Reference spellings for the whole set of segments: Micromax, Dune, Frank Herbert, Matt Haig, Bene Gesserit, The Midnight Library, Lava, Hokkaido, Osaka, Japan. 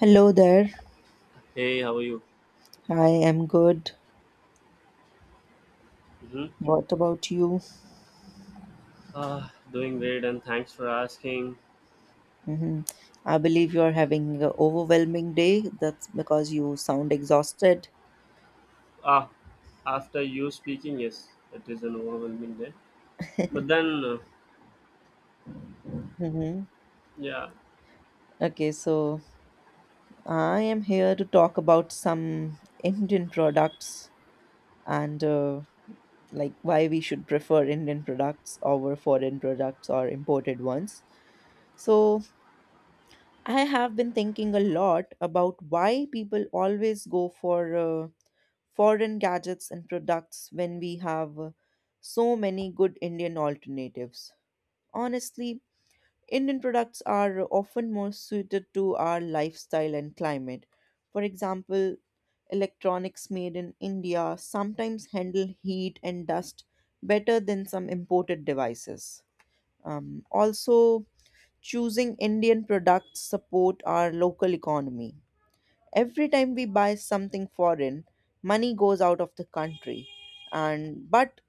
Hello there. Hey, how are you? I am good. Mm-hmm. What about you? Doing great, and thanks for asking. hmm I believe you're having an overwhelming day. That's because you sound exhausted. Ah, After you speaking, yes, it is an overwhelming day. But then, hmm yeah, Okay, so I am here to talk about some Indian products and like why we should prefer Indian products over foreign products or imported ones. So I have been thinking a lot about why people always go for uh, foreign gadgets and products when we have so many good Indian alternatives. Honestly, Indian products are often more suited to our lifestyle and climate. For example, electronics made in India sometimes handle heat and dust better than some imported devices. Also, choosing Indian products support our local economy. Every time we buy something foreign, money goes out of the country, and but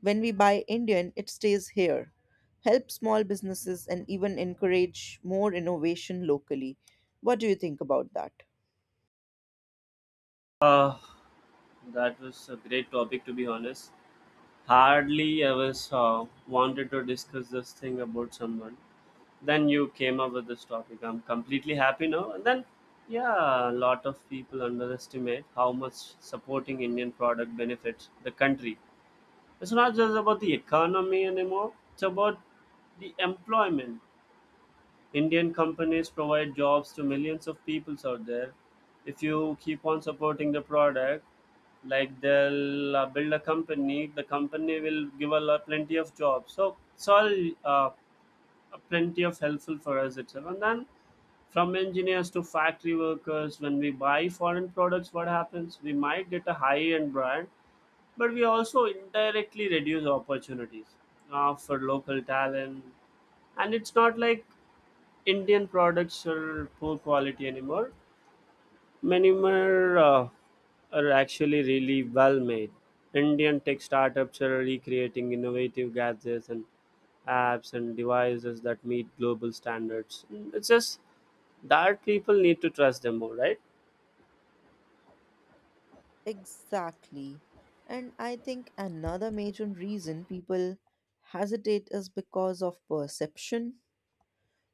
when we buy Indian, it stays here, help small businesses and even encourage more innovation locally. What do you think about that? ah, That was a great topic to be honest. Hardly I was wanted to discuss this thing about someone. Then you came up with this topic. I'm completely happy now. A lot of people underestimate how much supporting Indian product benefits the country. It's not just about the economy anymore, it's about the employment. Indian companies provide jobs to millions of peoples out there. If you keep on supporting the product, like they'll build a company, the company will give a lot, plenty of jobs. So it's all uh, plenty of helpful for us itself. And then from engineers to factory workers, when we buy foreign products, what happens? We might get a high end brand, but we also indirectly reduce opportunities for local talent. And it's not like Indian products are poor quality anymore. Many more are actually really well made. Indian tech startups are recreating innovative gadgets and apps and devices that meet global standards. It's just that people need to trust them more, right? Exactly. And I think another major reason people hesitate is because of perception.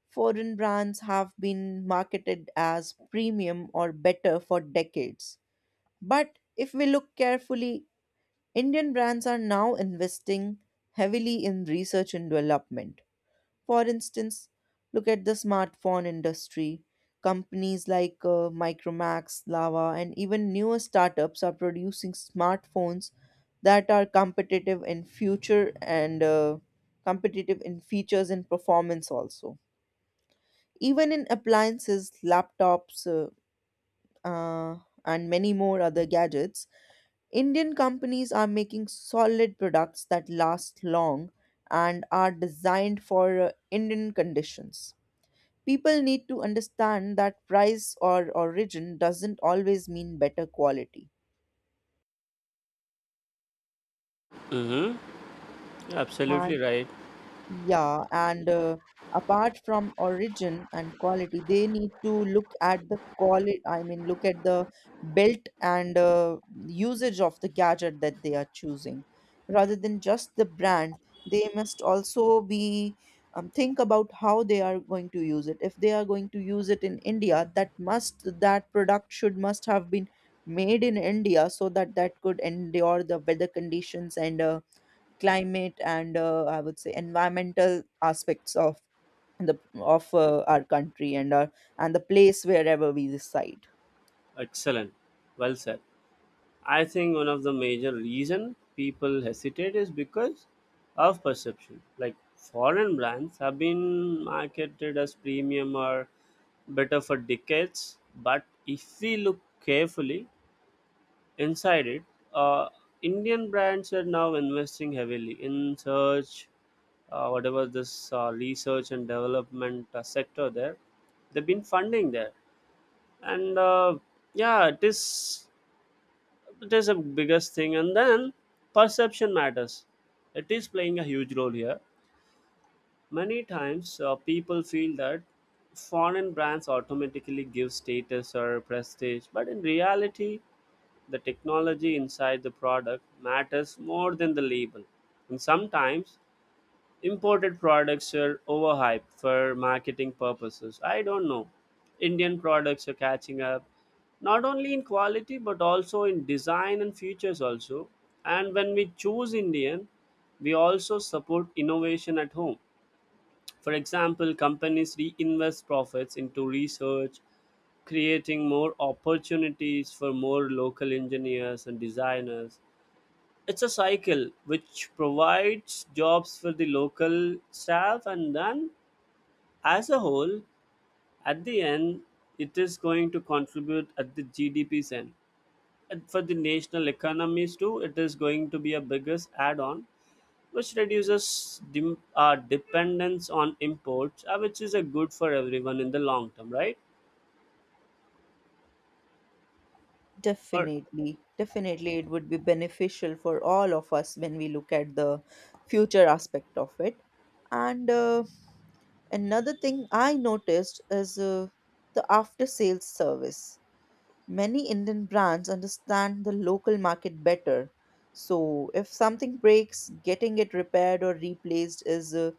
Foreign brands have been marketed as premium or better for decades. But if we look carefully, Indian brands are now investing heavily in research and development. For instance, look at the smartphone industry. Companies like Micromax, Lava, and even newer startups are producing smartphones that are competitive in future and competitive in features and performance also. Even in appliances, laptops, uh, and many more other gadgets, Indian companies are making solid products that last long and are designed for Indian conditions. People need to understand that price or origin doesn't always mean better quality. Mm-hmm. Absolutely And right. yeah, and apart from origin and quality, they need to look at the quality, I mean, look at the built and usage of the gadget that they are choosing. Rather than just the brand, they must also be, think about how they are going to use it. If they are going to use it in India, that must that product should must have been made in India so that that could endure the weather conditions and climate, and I would say environmental aspects of the of our country and our and the place wherever we reside. Excellent. Well said. I think one of the major reason people hesitate is because of perception. Like foreign brands have been marketed as premium or better for decades, but if we look carefully inside it, uh, Indian brands are now investing heavily in search, whatever this research and development sector there, they've been funding there, and uh, yeah, it is it is the biggest thing. And then perception matters, it is playing a huge role here. Many times people feel that foreign brands automatically give status or prestige, but in reality the technology inside the product matters more than the label. And sometimes imported products are overhyped for marketing purposes. I don't know. Indian products are catching up not only in quality but also in design and features also. And when we choose Indian, we also support innovation at home. For example, companies reinvest profits into research, creating more opportunities for more local engineers and designers. It's a cycle which provides jobs for the local staff, and then as a whole, at the end, it is going to contribute at the GDP's end. And for the national economies too, it is going to be a biggest add on, which reduces our dependence on imports, which is a good for everyone in the long term, right? Or Definitely, definitely, it would be beneficial for all of us when we look at the future aspect of it. And another thing I noticed is the after sales service. Many Indian brands understand the local market better. So, if something breaks, getting it repaired or replaced is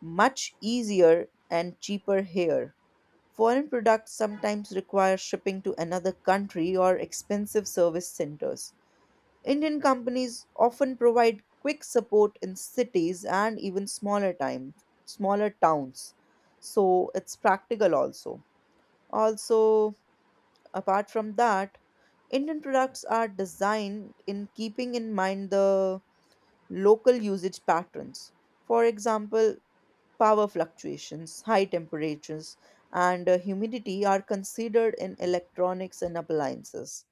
much easier and cheaper here. Foreign products sometimes require shipping to another country or expensive service centers. Indian companies often provide quick support in cities and even smaller time, smaller towns. So it's practical also. Also, apart from that, Indian products are designed in keeping in mind the local usage patterns. For example, power fluctuations, high temperatures, and humidity are considered in electronics and appliances.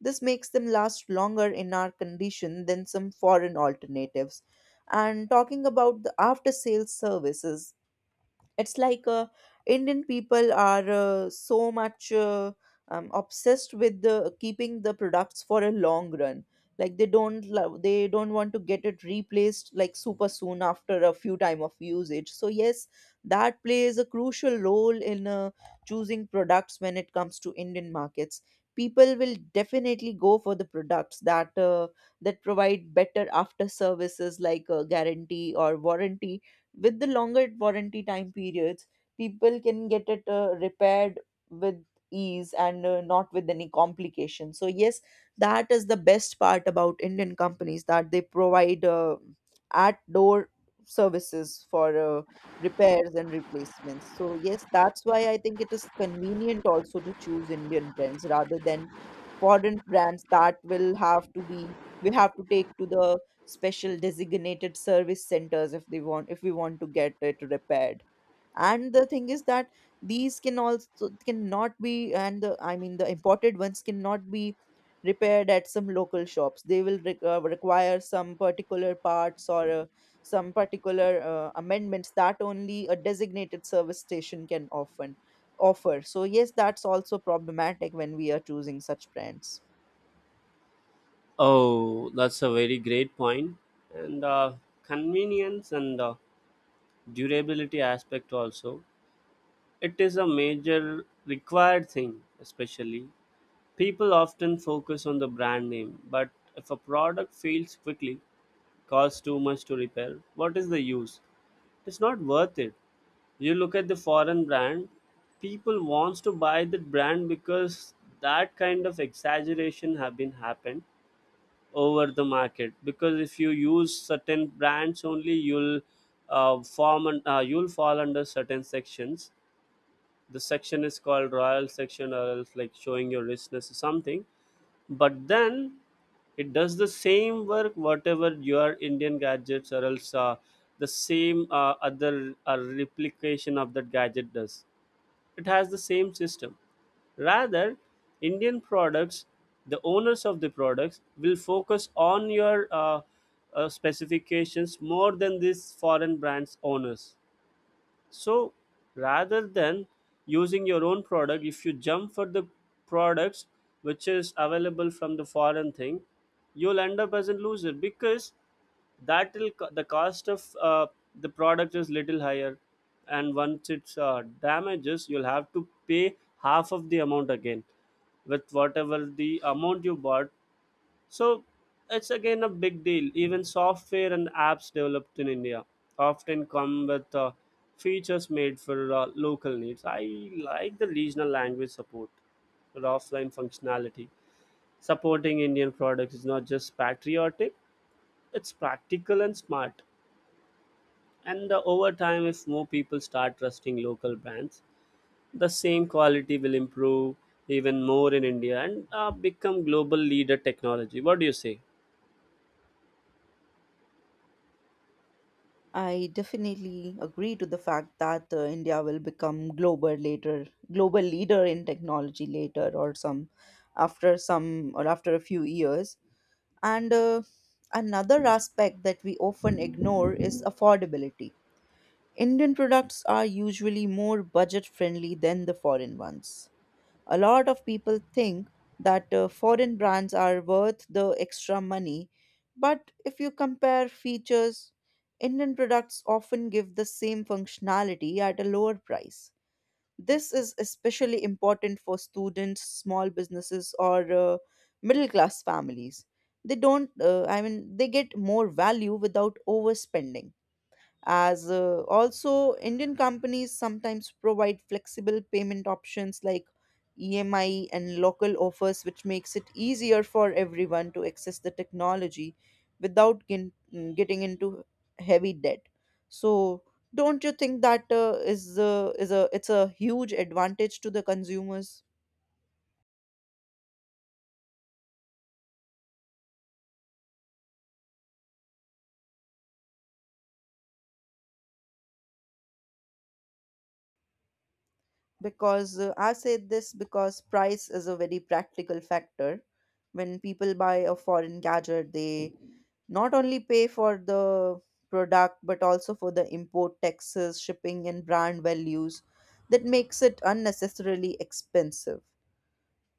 This makes them last longer in our condition than some foreign alternatives. And talking about the after sales services, it's like Indian people are so much obsessed with the, keeping the products for a long run. Like they don't love, they don't want to get it replaced like super soon after a few time of usage. So yes, that plays a crucial role in choosing products when it comes to Indian markets. People will definitely go for the products that that provide better after services like a guarantee or warranty. With the longer warranty time periods, people can get it repaired with ease and not with any complication. So yes, that is the best part about Indian companies that they provide at door services for repairs and replacements. So yes, that's why I think it is convenient also to choose Indian brands rather than foreign brands that will have to be we have to take to the special designated service centers if they want if we want to get it repaired. And the thing is that these can also cannot be and the, I mean the imported ones cannot be repaired at some local shops. They will require some particular parts or some particular amendments that only a designated service station can offer offer. So yes, that's also problematic when we are choosing such brands. oh, that's a very great point, and convenience and durability aspect also. It is a major required thing, especially. People often focus on the brand name, but if a product fails quickly, costs too much to repair, what is the use? It's not worth it. You look at the foreign brand, people wants to buy that brand because that kind of exaggeration have been happened over the market. Because if you use certain brands only, you'll form and you'll fall under certain sections. The section is called royal section, or else like showing your richness or something. But then it does the same work whatever your indian gadgets or else the same other replication of that gadget does. It has the same system. Rather, indian products, the owners of the products will focus on your specifications more than these foreign brands owners. So rather than using your own product, if you jump for the products which is available from the foreign thing, you'll end up as a loser, because that will the cost of the product is little higher, and once it's damages, you'll have to pay half of the amount again with whatever the amount you bought. So it's again a big deal. Even software and apps developed in India often come with features made for local needs. I like the regional language support or offline functionality. Supporting Indian products is not just patriotic, it's practical and smart. And over time, if more people start trusting local brands, the same quality will improve even more in India and become global leader technology. What do you say? I definitely agree to the fact that India will become global later, global leader in technology later, or some after some or after a few years. And another aspect that we often ignore is affordability. Indian products are usually more budget friendly than the foreign ones. A lot of people think that foreign brands are worth the extra money, but if you compare features, Indian products often give the same functionality at a lower price. This is especially important for students, small businesses, or middle class families. They don't, I mean, they get more value without overspending. As Also, Indian companies sometimes provide flexible payment options like EMI and local offers which makes it easier for everyone to access the technology without getting into heavy debt. So don't you think that is a it's a huge advantage to the consumers? Because I say this because price is a very practical factor. When people buy a foreign gadget, they not only pay for the product but also for the import taxes, shipping, and brand values that makes it unnecessarily expensive.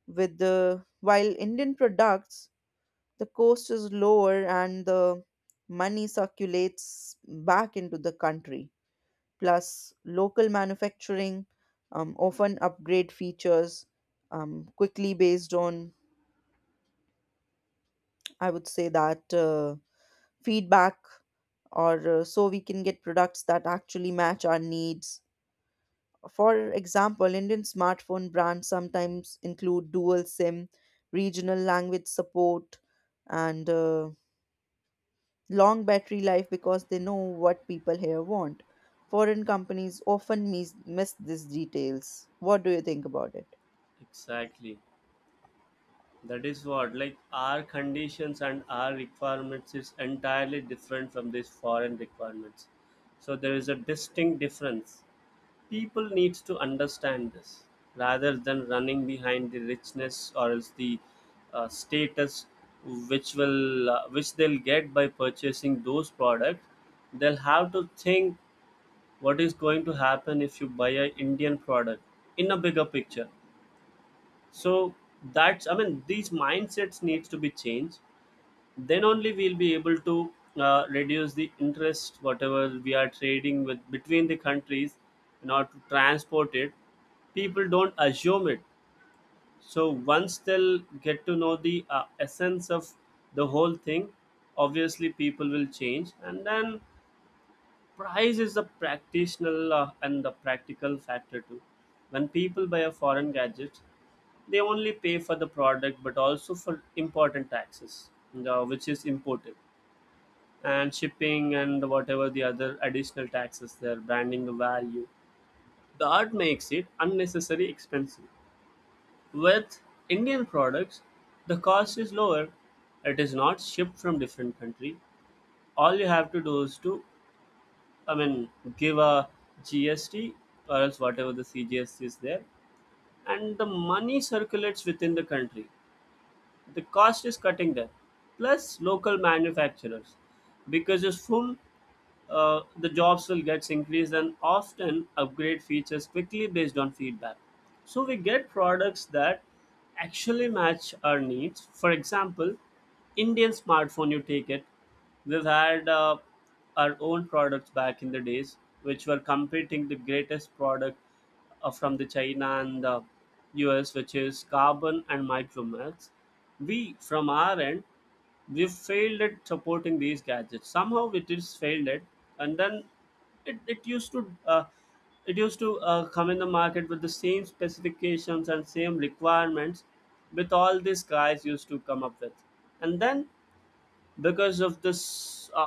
With the while Indian products, the cost is lower and the money circulates back into the country. Plus local manufacturing, often upgrade features quickly based on, I would say that feedback. Or so we can get products that actually match our needs. For example, Indian smartphone brands sometimes include dual SIM, regional language support, and long battery life because they know what people here want. Foreign companies often miss these details. What do you think about it? Exactly. That is what, like our conditions and our requirements is entirely different from these foreign requirements. So there is a distinct difference. People needs to understand this rather than running behind the richness, or else the status, which will which they'll get by purchasing those products. They'll have to think what is going to happen if you buy an Indian product in a bigger picture. So that's, I mean, these mindsets needs to be changed, then only we'll be able to reduce the interest whatever we are trading with between the countries in order to transport it. People don't assume it. So once they'll get to know the essence of the whole thing, obviously people will change. And then price is the practical and the practical factor too. When people buy a foreign gadget, they only pay for the product, but also for important taxes, which is imported, and shipping and whatever the other additional taxes there, branding the value. That makes it unnecessarily expensive. With Indian products, the cost is lower. It is not shipped from different country. All you have to do is to, I mean, give a GST or else whatever the CGST is there, and the money circulates within the country. The cost is cutting there. Plus local manufacturers, because it's full the jobs will get increased and often upgrade features quickly based on feedback. So we get products that actually match our needs. For example, Indian smartphone, you take it. We've had our own products back in the days, which were competing the greatest product from the China and the US, which is carbon and micromax. We, from our end, we've failed at supporting these gadgets somehow it is failed at. And then it, it used to come in the market with the same specifications and same requirements with all these guys used to come up with. And then, because of this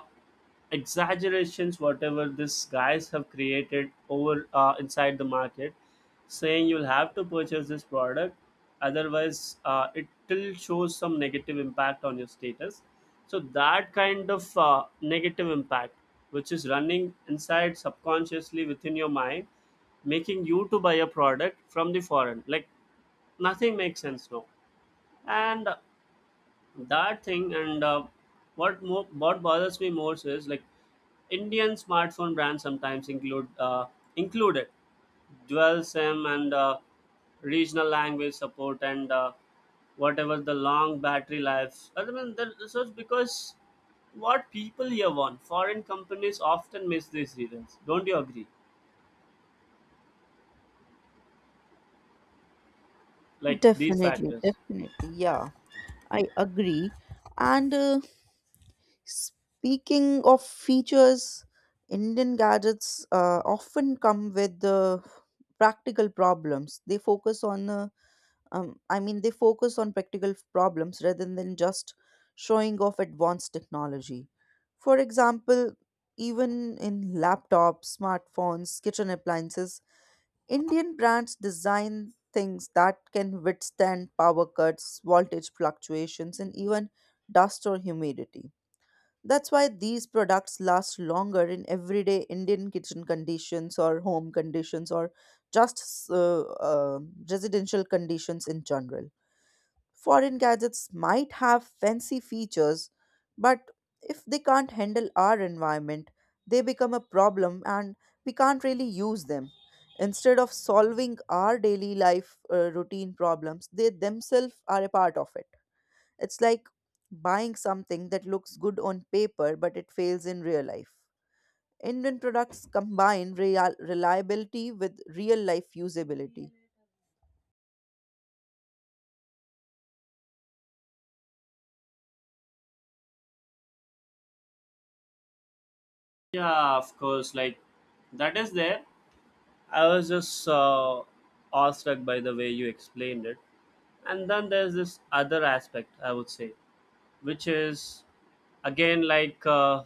exaggerations whatever these guys have created over inside the market, saying you'll have to purchase this product, otherwise it still shows some negative impact on your status. So that kind of negative impact, which is running inside subconsciously within your mind, making you to buy a product from the foreign, like nothing makes sense now. And that thing and What more what bothers me more so is like indian smartphone brands sometimes include included dual sim and regional language support and whatever the long battery life, I mean, that. So it's because what people here want, foreign companies often miss these reasons. Don't you agree, like these Definitely, factors? definitely. Yeah, I agree. And speaking of features, Indian gadgets often come with practical problems. They focus on I mean, they focus on practical problems rather than just showing off advanced technology. For example, even in laptops, smartphones, kitchen appliances, Indian brands design things that can withstand power cuts, voltage fluctuations, and even dust or humidity. That's why these products last longer in everyday Indian kitchen conditions or home conditions or just residential conditions in general. Foreign gadgets might have fancy features, but if they can't handle our environment, they become a problem and we can't really use them. Instead of solving our daily life routine problems, they themselves are a part of it. It's like buying something that looks good on paper but it fails in real life. Indian products combine reliability with real life usability. Yeah, of course, like that is there. I was just awestruck by the way you explained it. And then there's this other aspect, I would say, which is again like,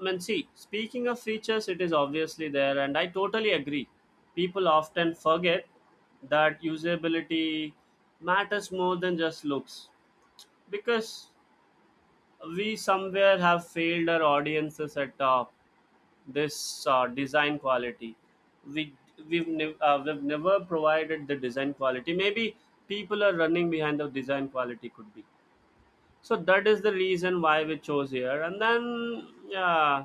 I mean, see, speaking of features, it is obviously there and I totally agree. People often forget that usability matters more than just looks, because we somewhere have failed our audiences at this design quality. We we've, nev- uh, we've never provided the design quality, maybe. People are running behind the design quality, could be. So that is the reason why we chose here. And then yeah,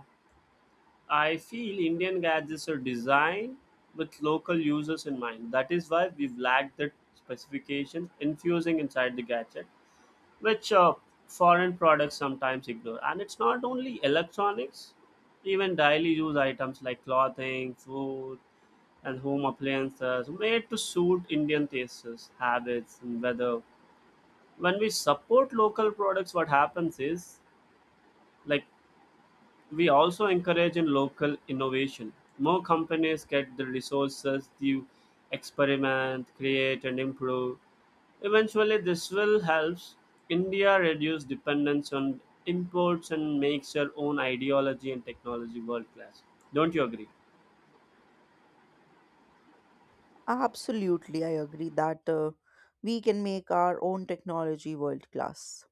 I feel indian gadgets are designed with local users in mind, that is why we've lacked the specifications infusing inside the gadget, which foreign products sometimes ignore. And it's not only electronics, even daily use items like clothing, food, and home appliances made to suit indian tastes, habits and weather. When we support local products, what happens is, like, we also encourage in local innovation. More companies get the resources to experiment, create, and improve. Eventually, this will help India reduce dependence on imports and makes their own ideology and technology world class. Don't you agree? Absolutely, I agree that we can make our own technology world class.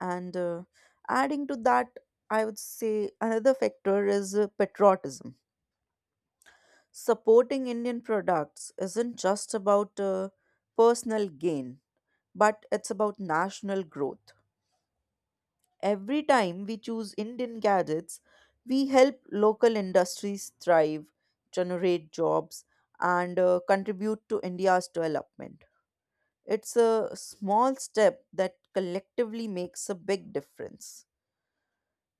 And adding to that, I would say another factor is patriotism. Supporting Indian products isn't just about personal gain, but it's about national growth. Every time we choose Indian gadgets, we help local industries thrive, generate jobs, and contribute to India's development. It's a small step that collectively makes a big difference.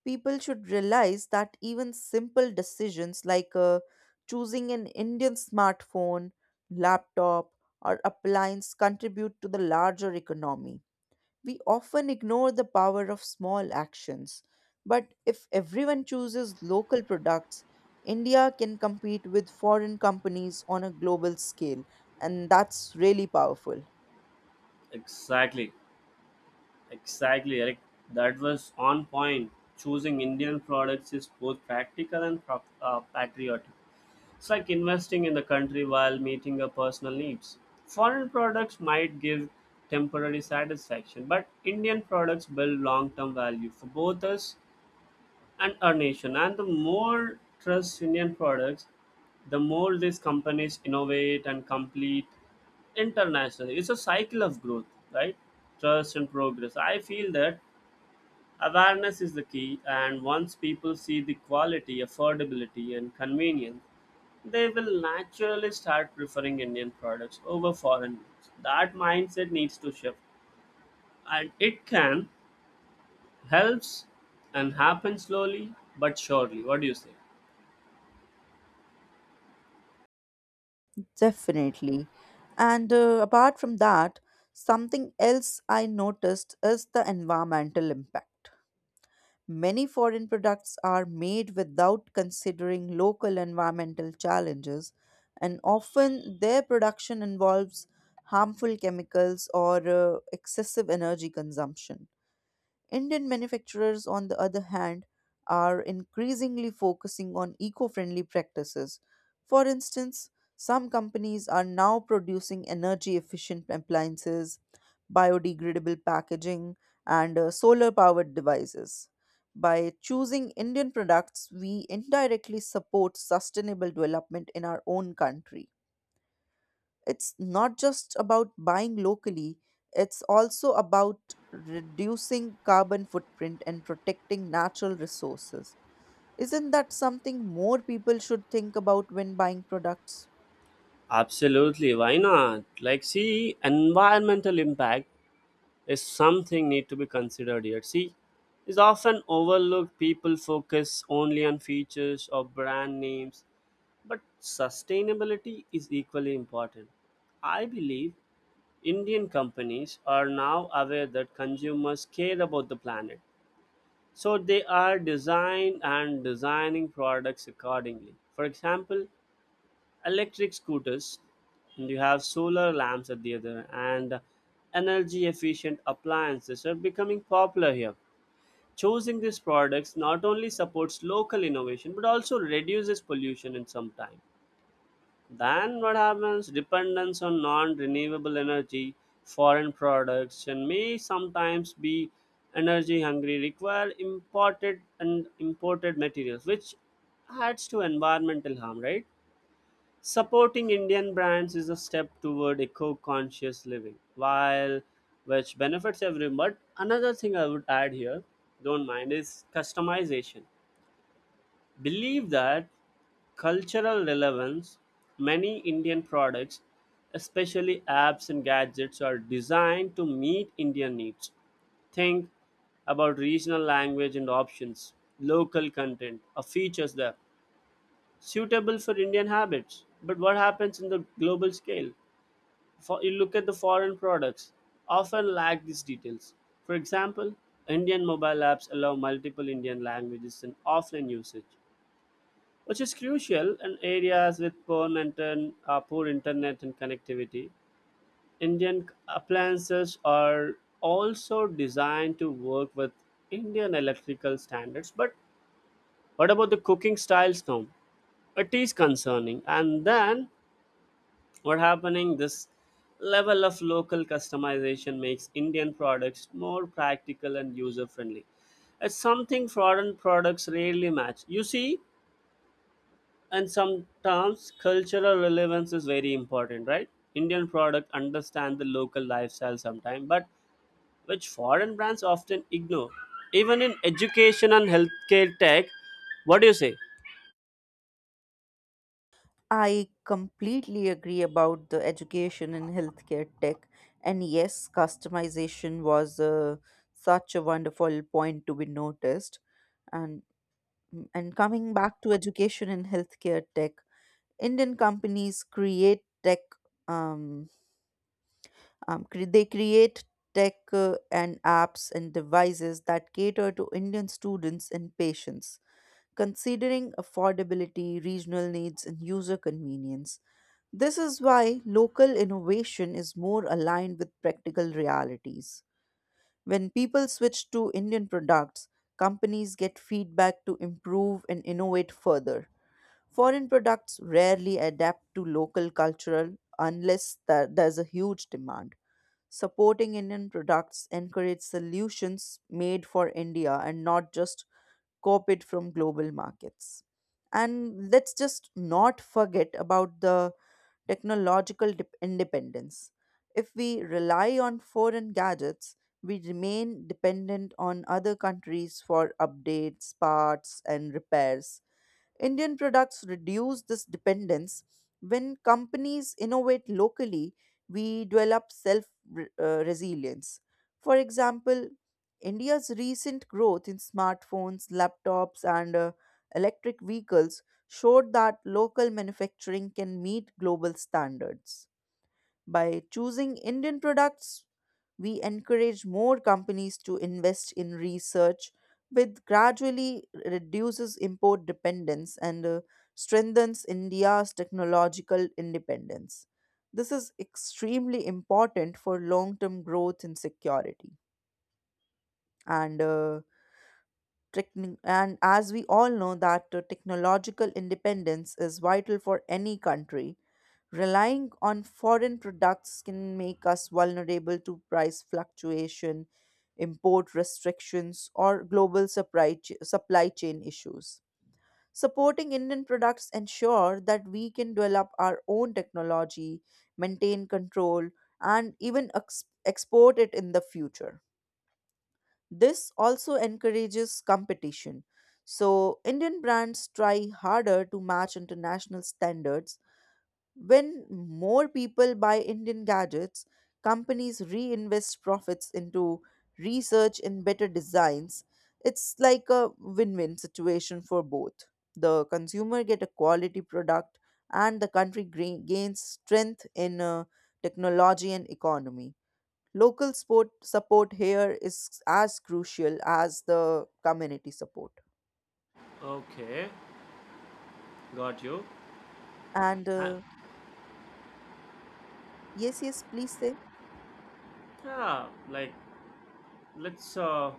People should realize that even simple decisions like choosing an Indian smartphone, laptop, or appliance contribute to the larger economy. We often ignore the power of small actions, but if everyone chooses local products, India can compete with foreign companies on a global scale, and that's really powerful. Exactly, exactly, Eric. That was on point. Choosing Indian products is both practical and patriotic. It's like investing in the country while meeting your personal needs. Foreign products might give temporary satisfaction, but Indian products build long term value for both us and our nation. And the more trust Indian products, the more these companies innovate and complete internationally. It's a cycle of growth, right? Trust and progress. I feel that awareness is the key, and once people see the quality, affordability, and convenience, they will naturally start preferring Indian products over foreign ones. That mindset needs to shift, and it can helps and happen slowly but surely. What do you say? Definitely. And apart from that, something else I noticed is the environmental impact. Many foreign products are made without considering local environmental challenges, and often their production involves harmful chemicals or excessive energy consumption. Indian manufacturers, on the other hand, are increasingly focusing on eco friendly practices. For instance, some companies are now producing energy efficient appliances, biodegradable packaging, and solar powered devices. By choosing Indian products, we indirectly support sustainable development in our own country. It's not just about buying locally, it's also about reducing carbon footprint and protecting natural resources. Isn't that something more people should think about when buying products? Absolutely, why not? Like, see, environmental impact is something need to be considered here. See, is often overlooked. People focus only on features or brand names. But sustainability is equally important. I believe Indian companies are now aware that consumers care about the planet. So they are designed and designing products accordingly. For example, electric scooters, and you have solar lamps at the other, and energy efficient appliances are becoming popular here. Choosing these products not only supports local innovation but also reduces pollution in some time, then what happens? Dependence on non renewable energy, foreign products, and may sometimes be energy hungry, require imported materials, which adds to environmental harm, right? Supporting Indian brands is a step toward eco conscious living, while which benefits everyone. But another thing I would add here, don't mind, is customization. Believe that cultural relevance, many Indian products, especially apps and gadgets, are designed to meet Indian needs. Think about regional language and options, local content, or features there suitable for Indian habits. But what happens in the global scale? For you look at the foreign products, often lack these details. For example, Indian mobile apps allow multiple Indian languages in offline usage, which is crucial in areas with poor, maintain, poor internet and connectivity. Indian appliances are also designed to work with Indian electrical standards. But what about the cooking styles now? It is concerning. And then what happening? This level of local customization makes Indian products more practical and user friendly. It's something foreign products rarely match. You see, and sometimes cultural relevance is very important, right? Indian product understand the local lifestyle sometimes, but which foreign brands often ignore, even in education and healthcare tech. What do you say? I completely agree about the education and healthcare tech. And yes, customization was such a wonderful point to be noticed. And and coming back to education and healthcare tech, Indian companies create tech, um, they create tech and apps and devices that cater to Indian students and patients, considering affordability, regional needs, and user convenience. This is why local innovation is more aligned with practical realities. When people switch to Indian products, companies get feedback to improve and innovate further. Foreign products rarely adapt to local cultural unless there's a huge demand. Supporting Indian products encourages solutions made for India and not just copied from global markets. And let's just not forget about the technological dep independence. If we rely on foreign gadgets, we remain dependent on other countries for updates, parts, and repairs. Indian products reduce this dependence. When companies innovate locally, we develop self resilience. For example, India's recent growth in smartphones, laptops, and electric vehicles showed that local manufacturing can meet global standards. By choosing Indian products, we encourage more companies to invest in research which gradually reduces import dependence and strengthens India's technological independence. This is extremely important for long term growth and security. And and as we all know that technological independence is vital for any country. Relying on foreign products can make us vulnerable to price fluctuation, import restrictions, or global supply chain issues. Supporting Indian products ensure that we can develop our own technology, maintain control, and even export it in the future. This also encourages competition. So, Indian brands try harder to match international standards. When more people buy Indian gadgets, companies reinvest profits into research and better designs. It's like a win-win situation for both. The consumer get a quality product and the country gains strength in technology and economy. Local sport support here is as crucial as the community support. Okay, got you. And And, yes, yes, please say. yeah, like, let's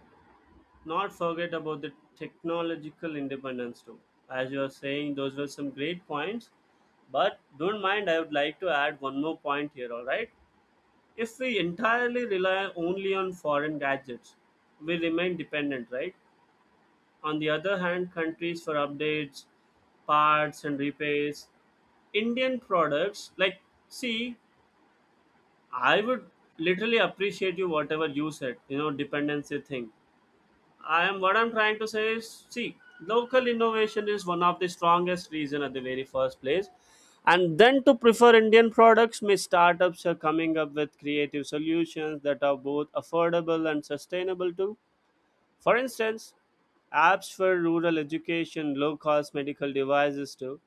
not forget about the technological independence too. As you are saying, those were some great points, but don't mind, I would like to add one more point here, all right? If we entirely rely only on foreign gadgets, we remain dependent, right? On the other hand, countries for updates, parts, and repairs, Indian products, like, see, I would literally appreciate you whatever you said, you know, dependency thing. I am, what I'm trying to say is, see, local innovation is one of the strongest reason at the very first place. And then to prefer Indian products, may startups are coming up with creative solutions that are both affordable and sustainable too. For instance, apps for rural education, low cost medical devices too,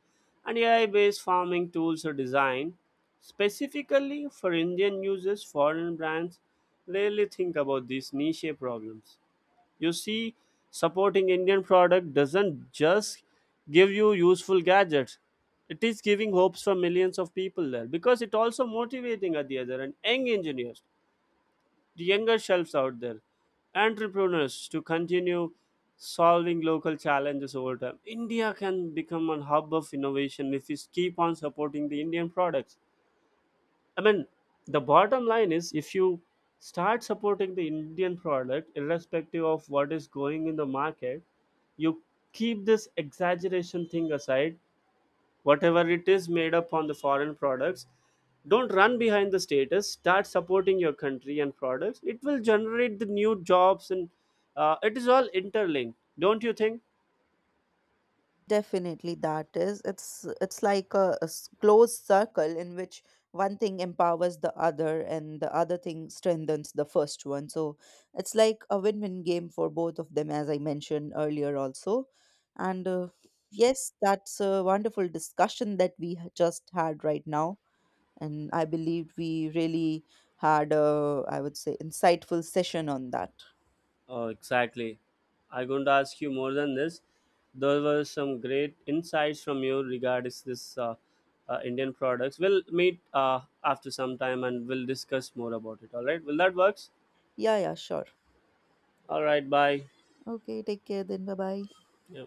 and AI based farming tools are designed specifically for Indian users. Foreign brands rarely think about these niche problems. You see, supporting Indian product doesn't just give you useful gadgets. It is giving hopes for millions of people there because it also motivating at the other end young engineers, the younger shelves out there, entrepreneurs to continue solving local challenges over time. India can become a hub of innovation if we keep on supporting the Indian products. I mean, the bottom line is, if you start supporting the Indian product, irrespective of what is going in the market, you keep this exaggeration thing aside, whatever it is made up on the foreign products. Don't run behind the status. Start supporting your country and products. It will generate the new jobs, and it is all interlinked, don't you think? Definitely that is. It's like a, closed circle in which one thing empowers the other and the other thing strengthens the first one. So it's like a win-win game for both of them, as I mentioned earlier also. And yes, that's a wonderful discussion that we just had right now. And I believe we really had a, I would say, insightful session on that. Oh, exactly. I'm going to ask you more than this. There were some great insights from you regarding this Indian products. We'll meet after some time and we'll discuss more about it. All right. Will that works? Yeah, yeah, sure. All right. Bye. Okay, take care then. Bye bye. Yeah.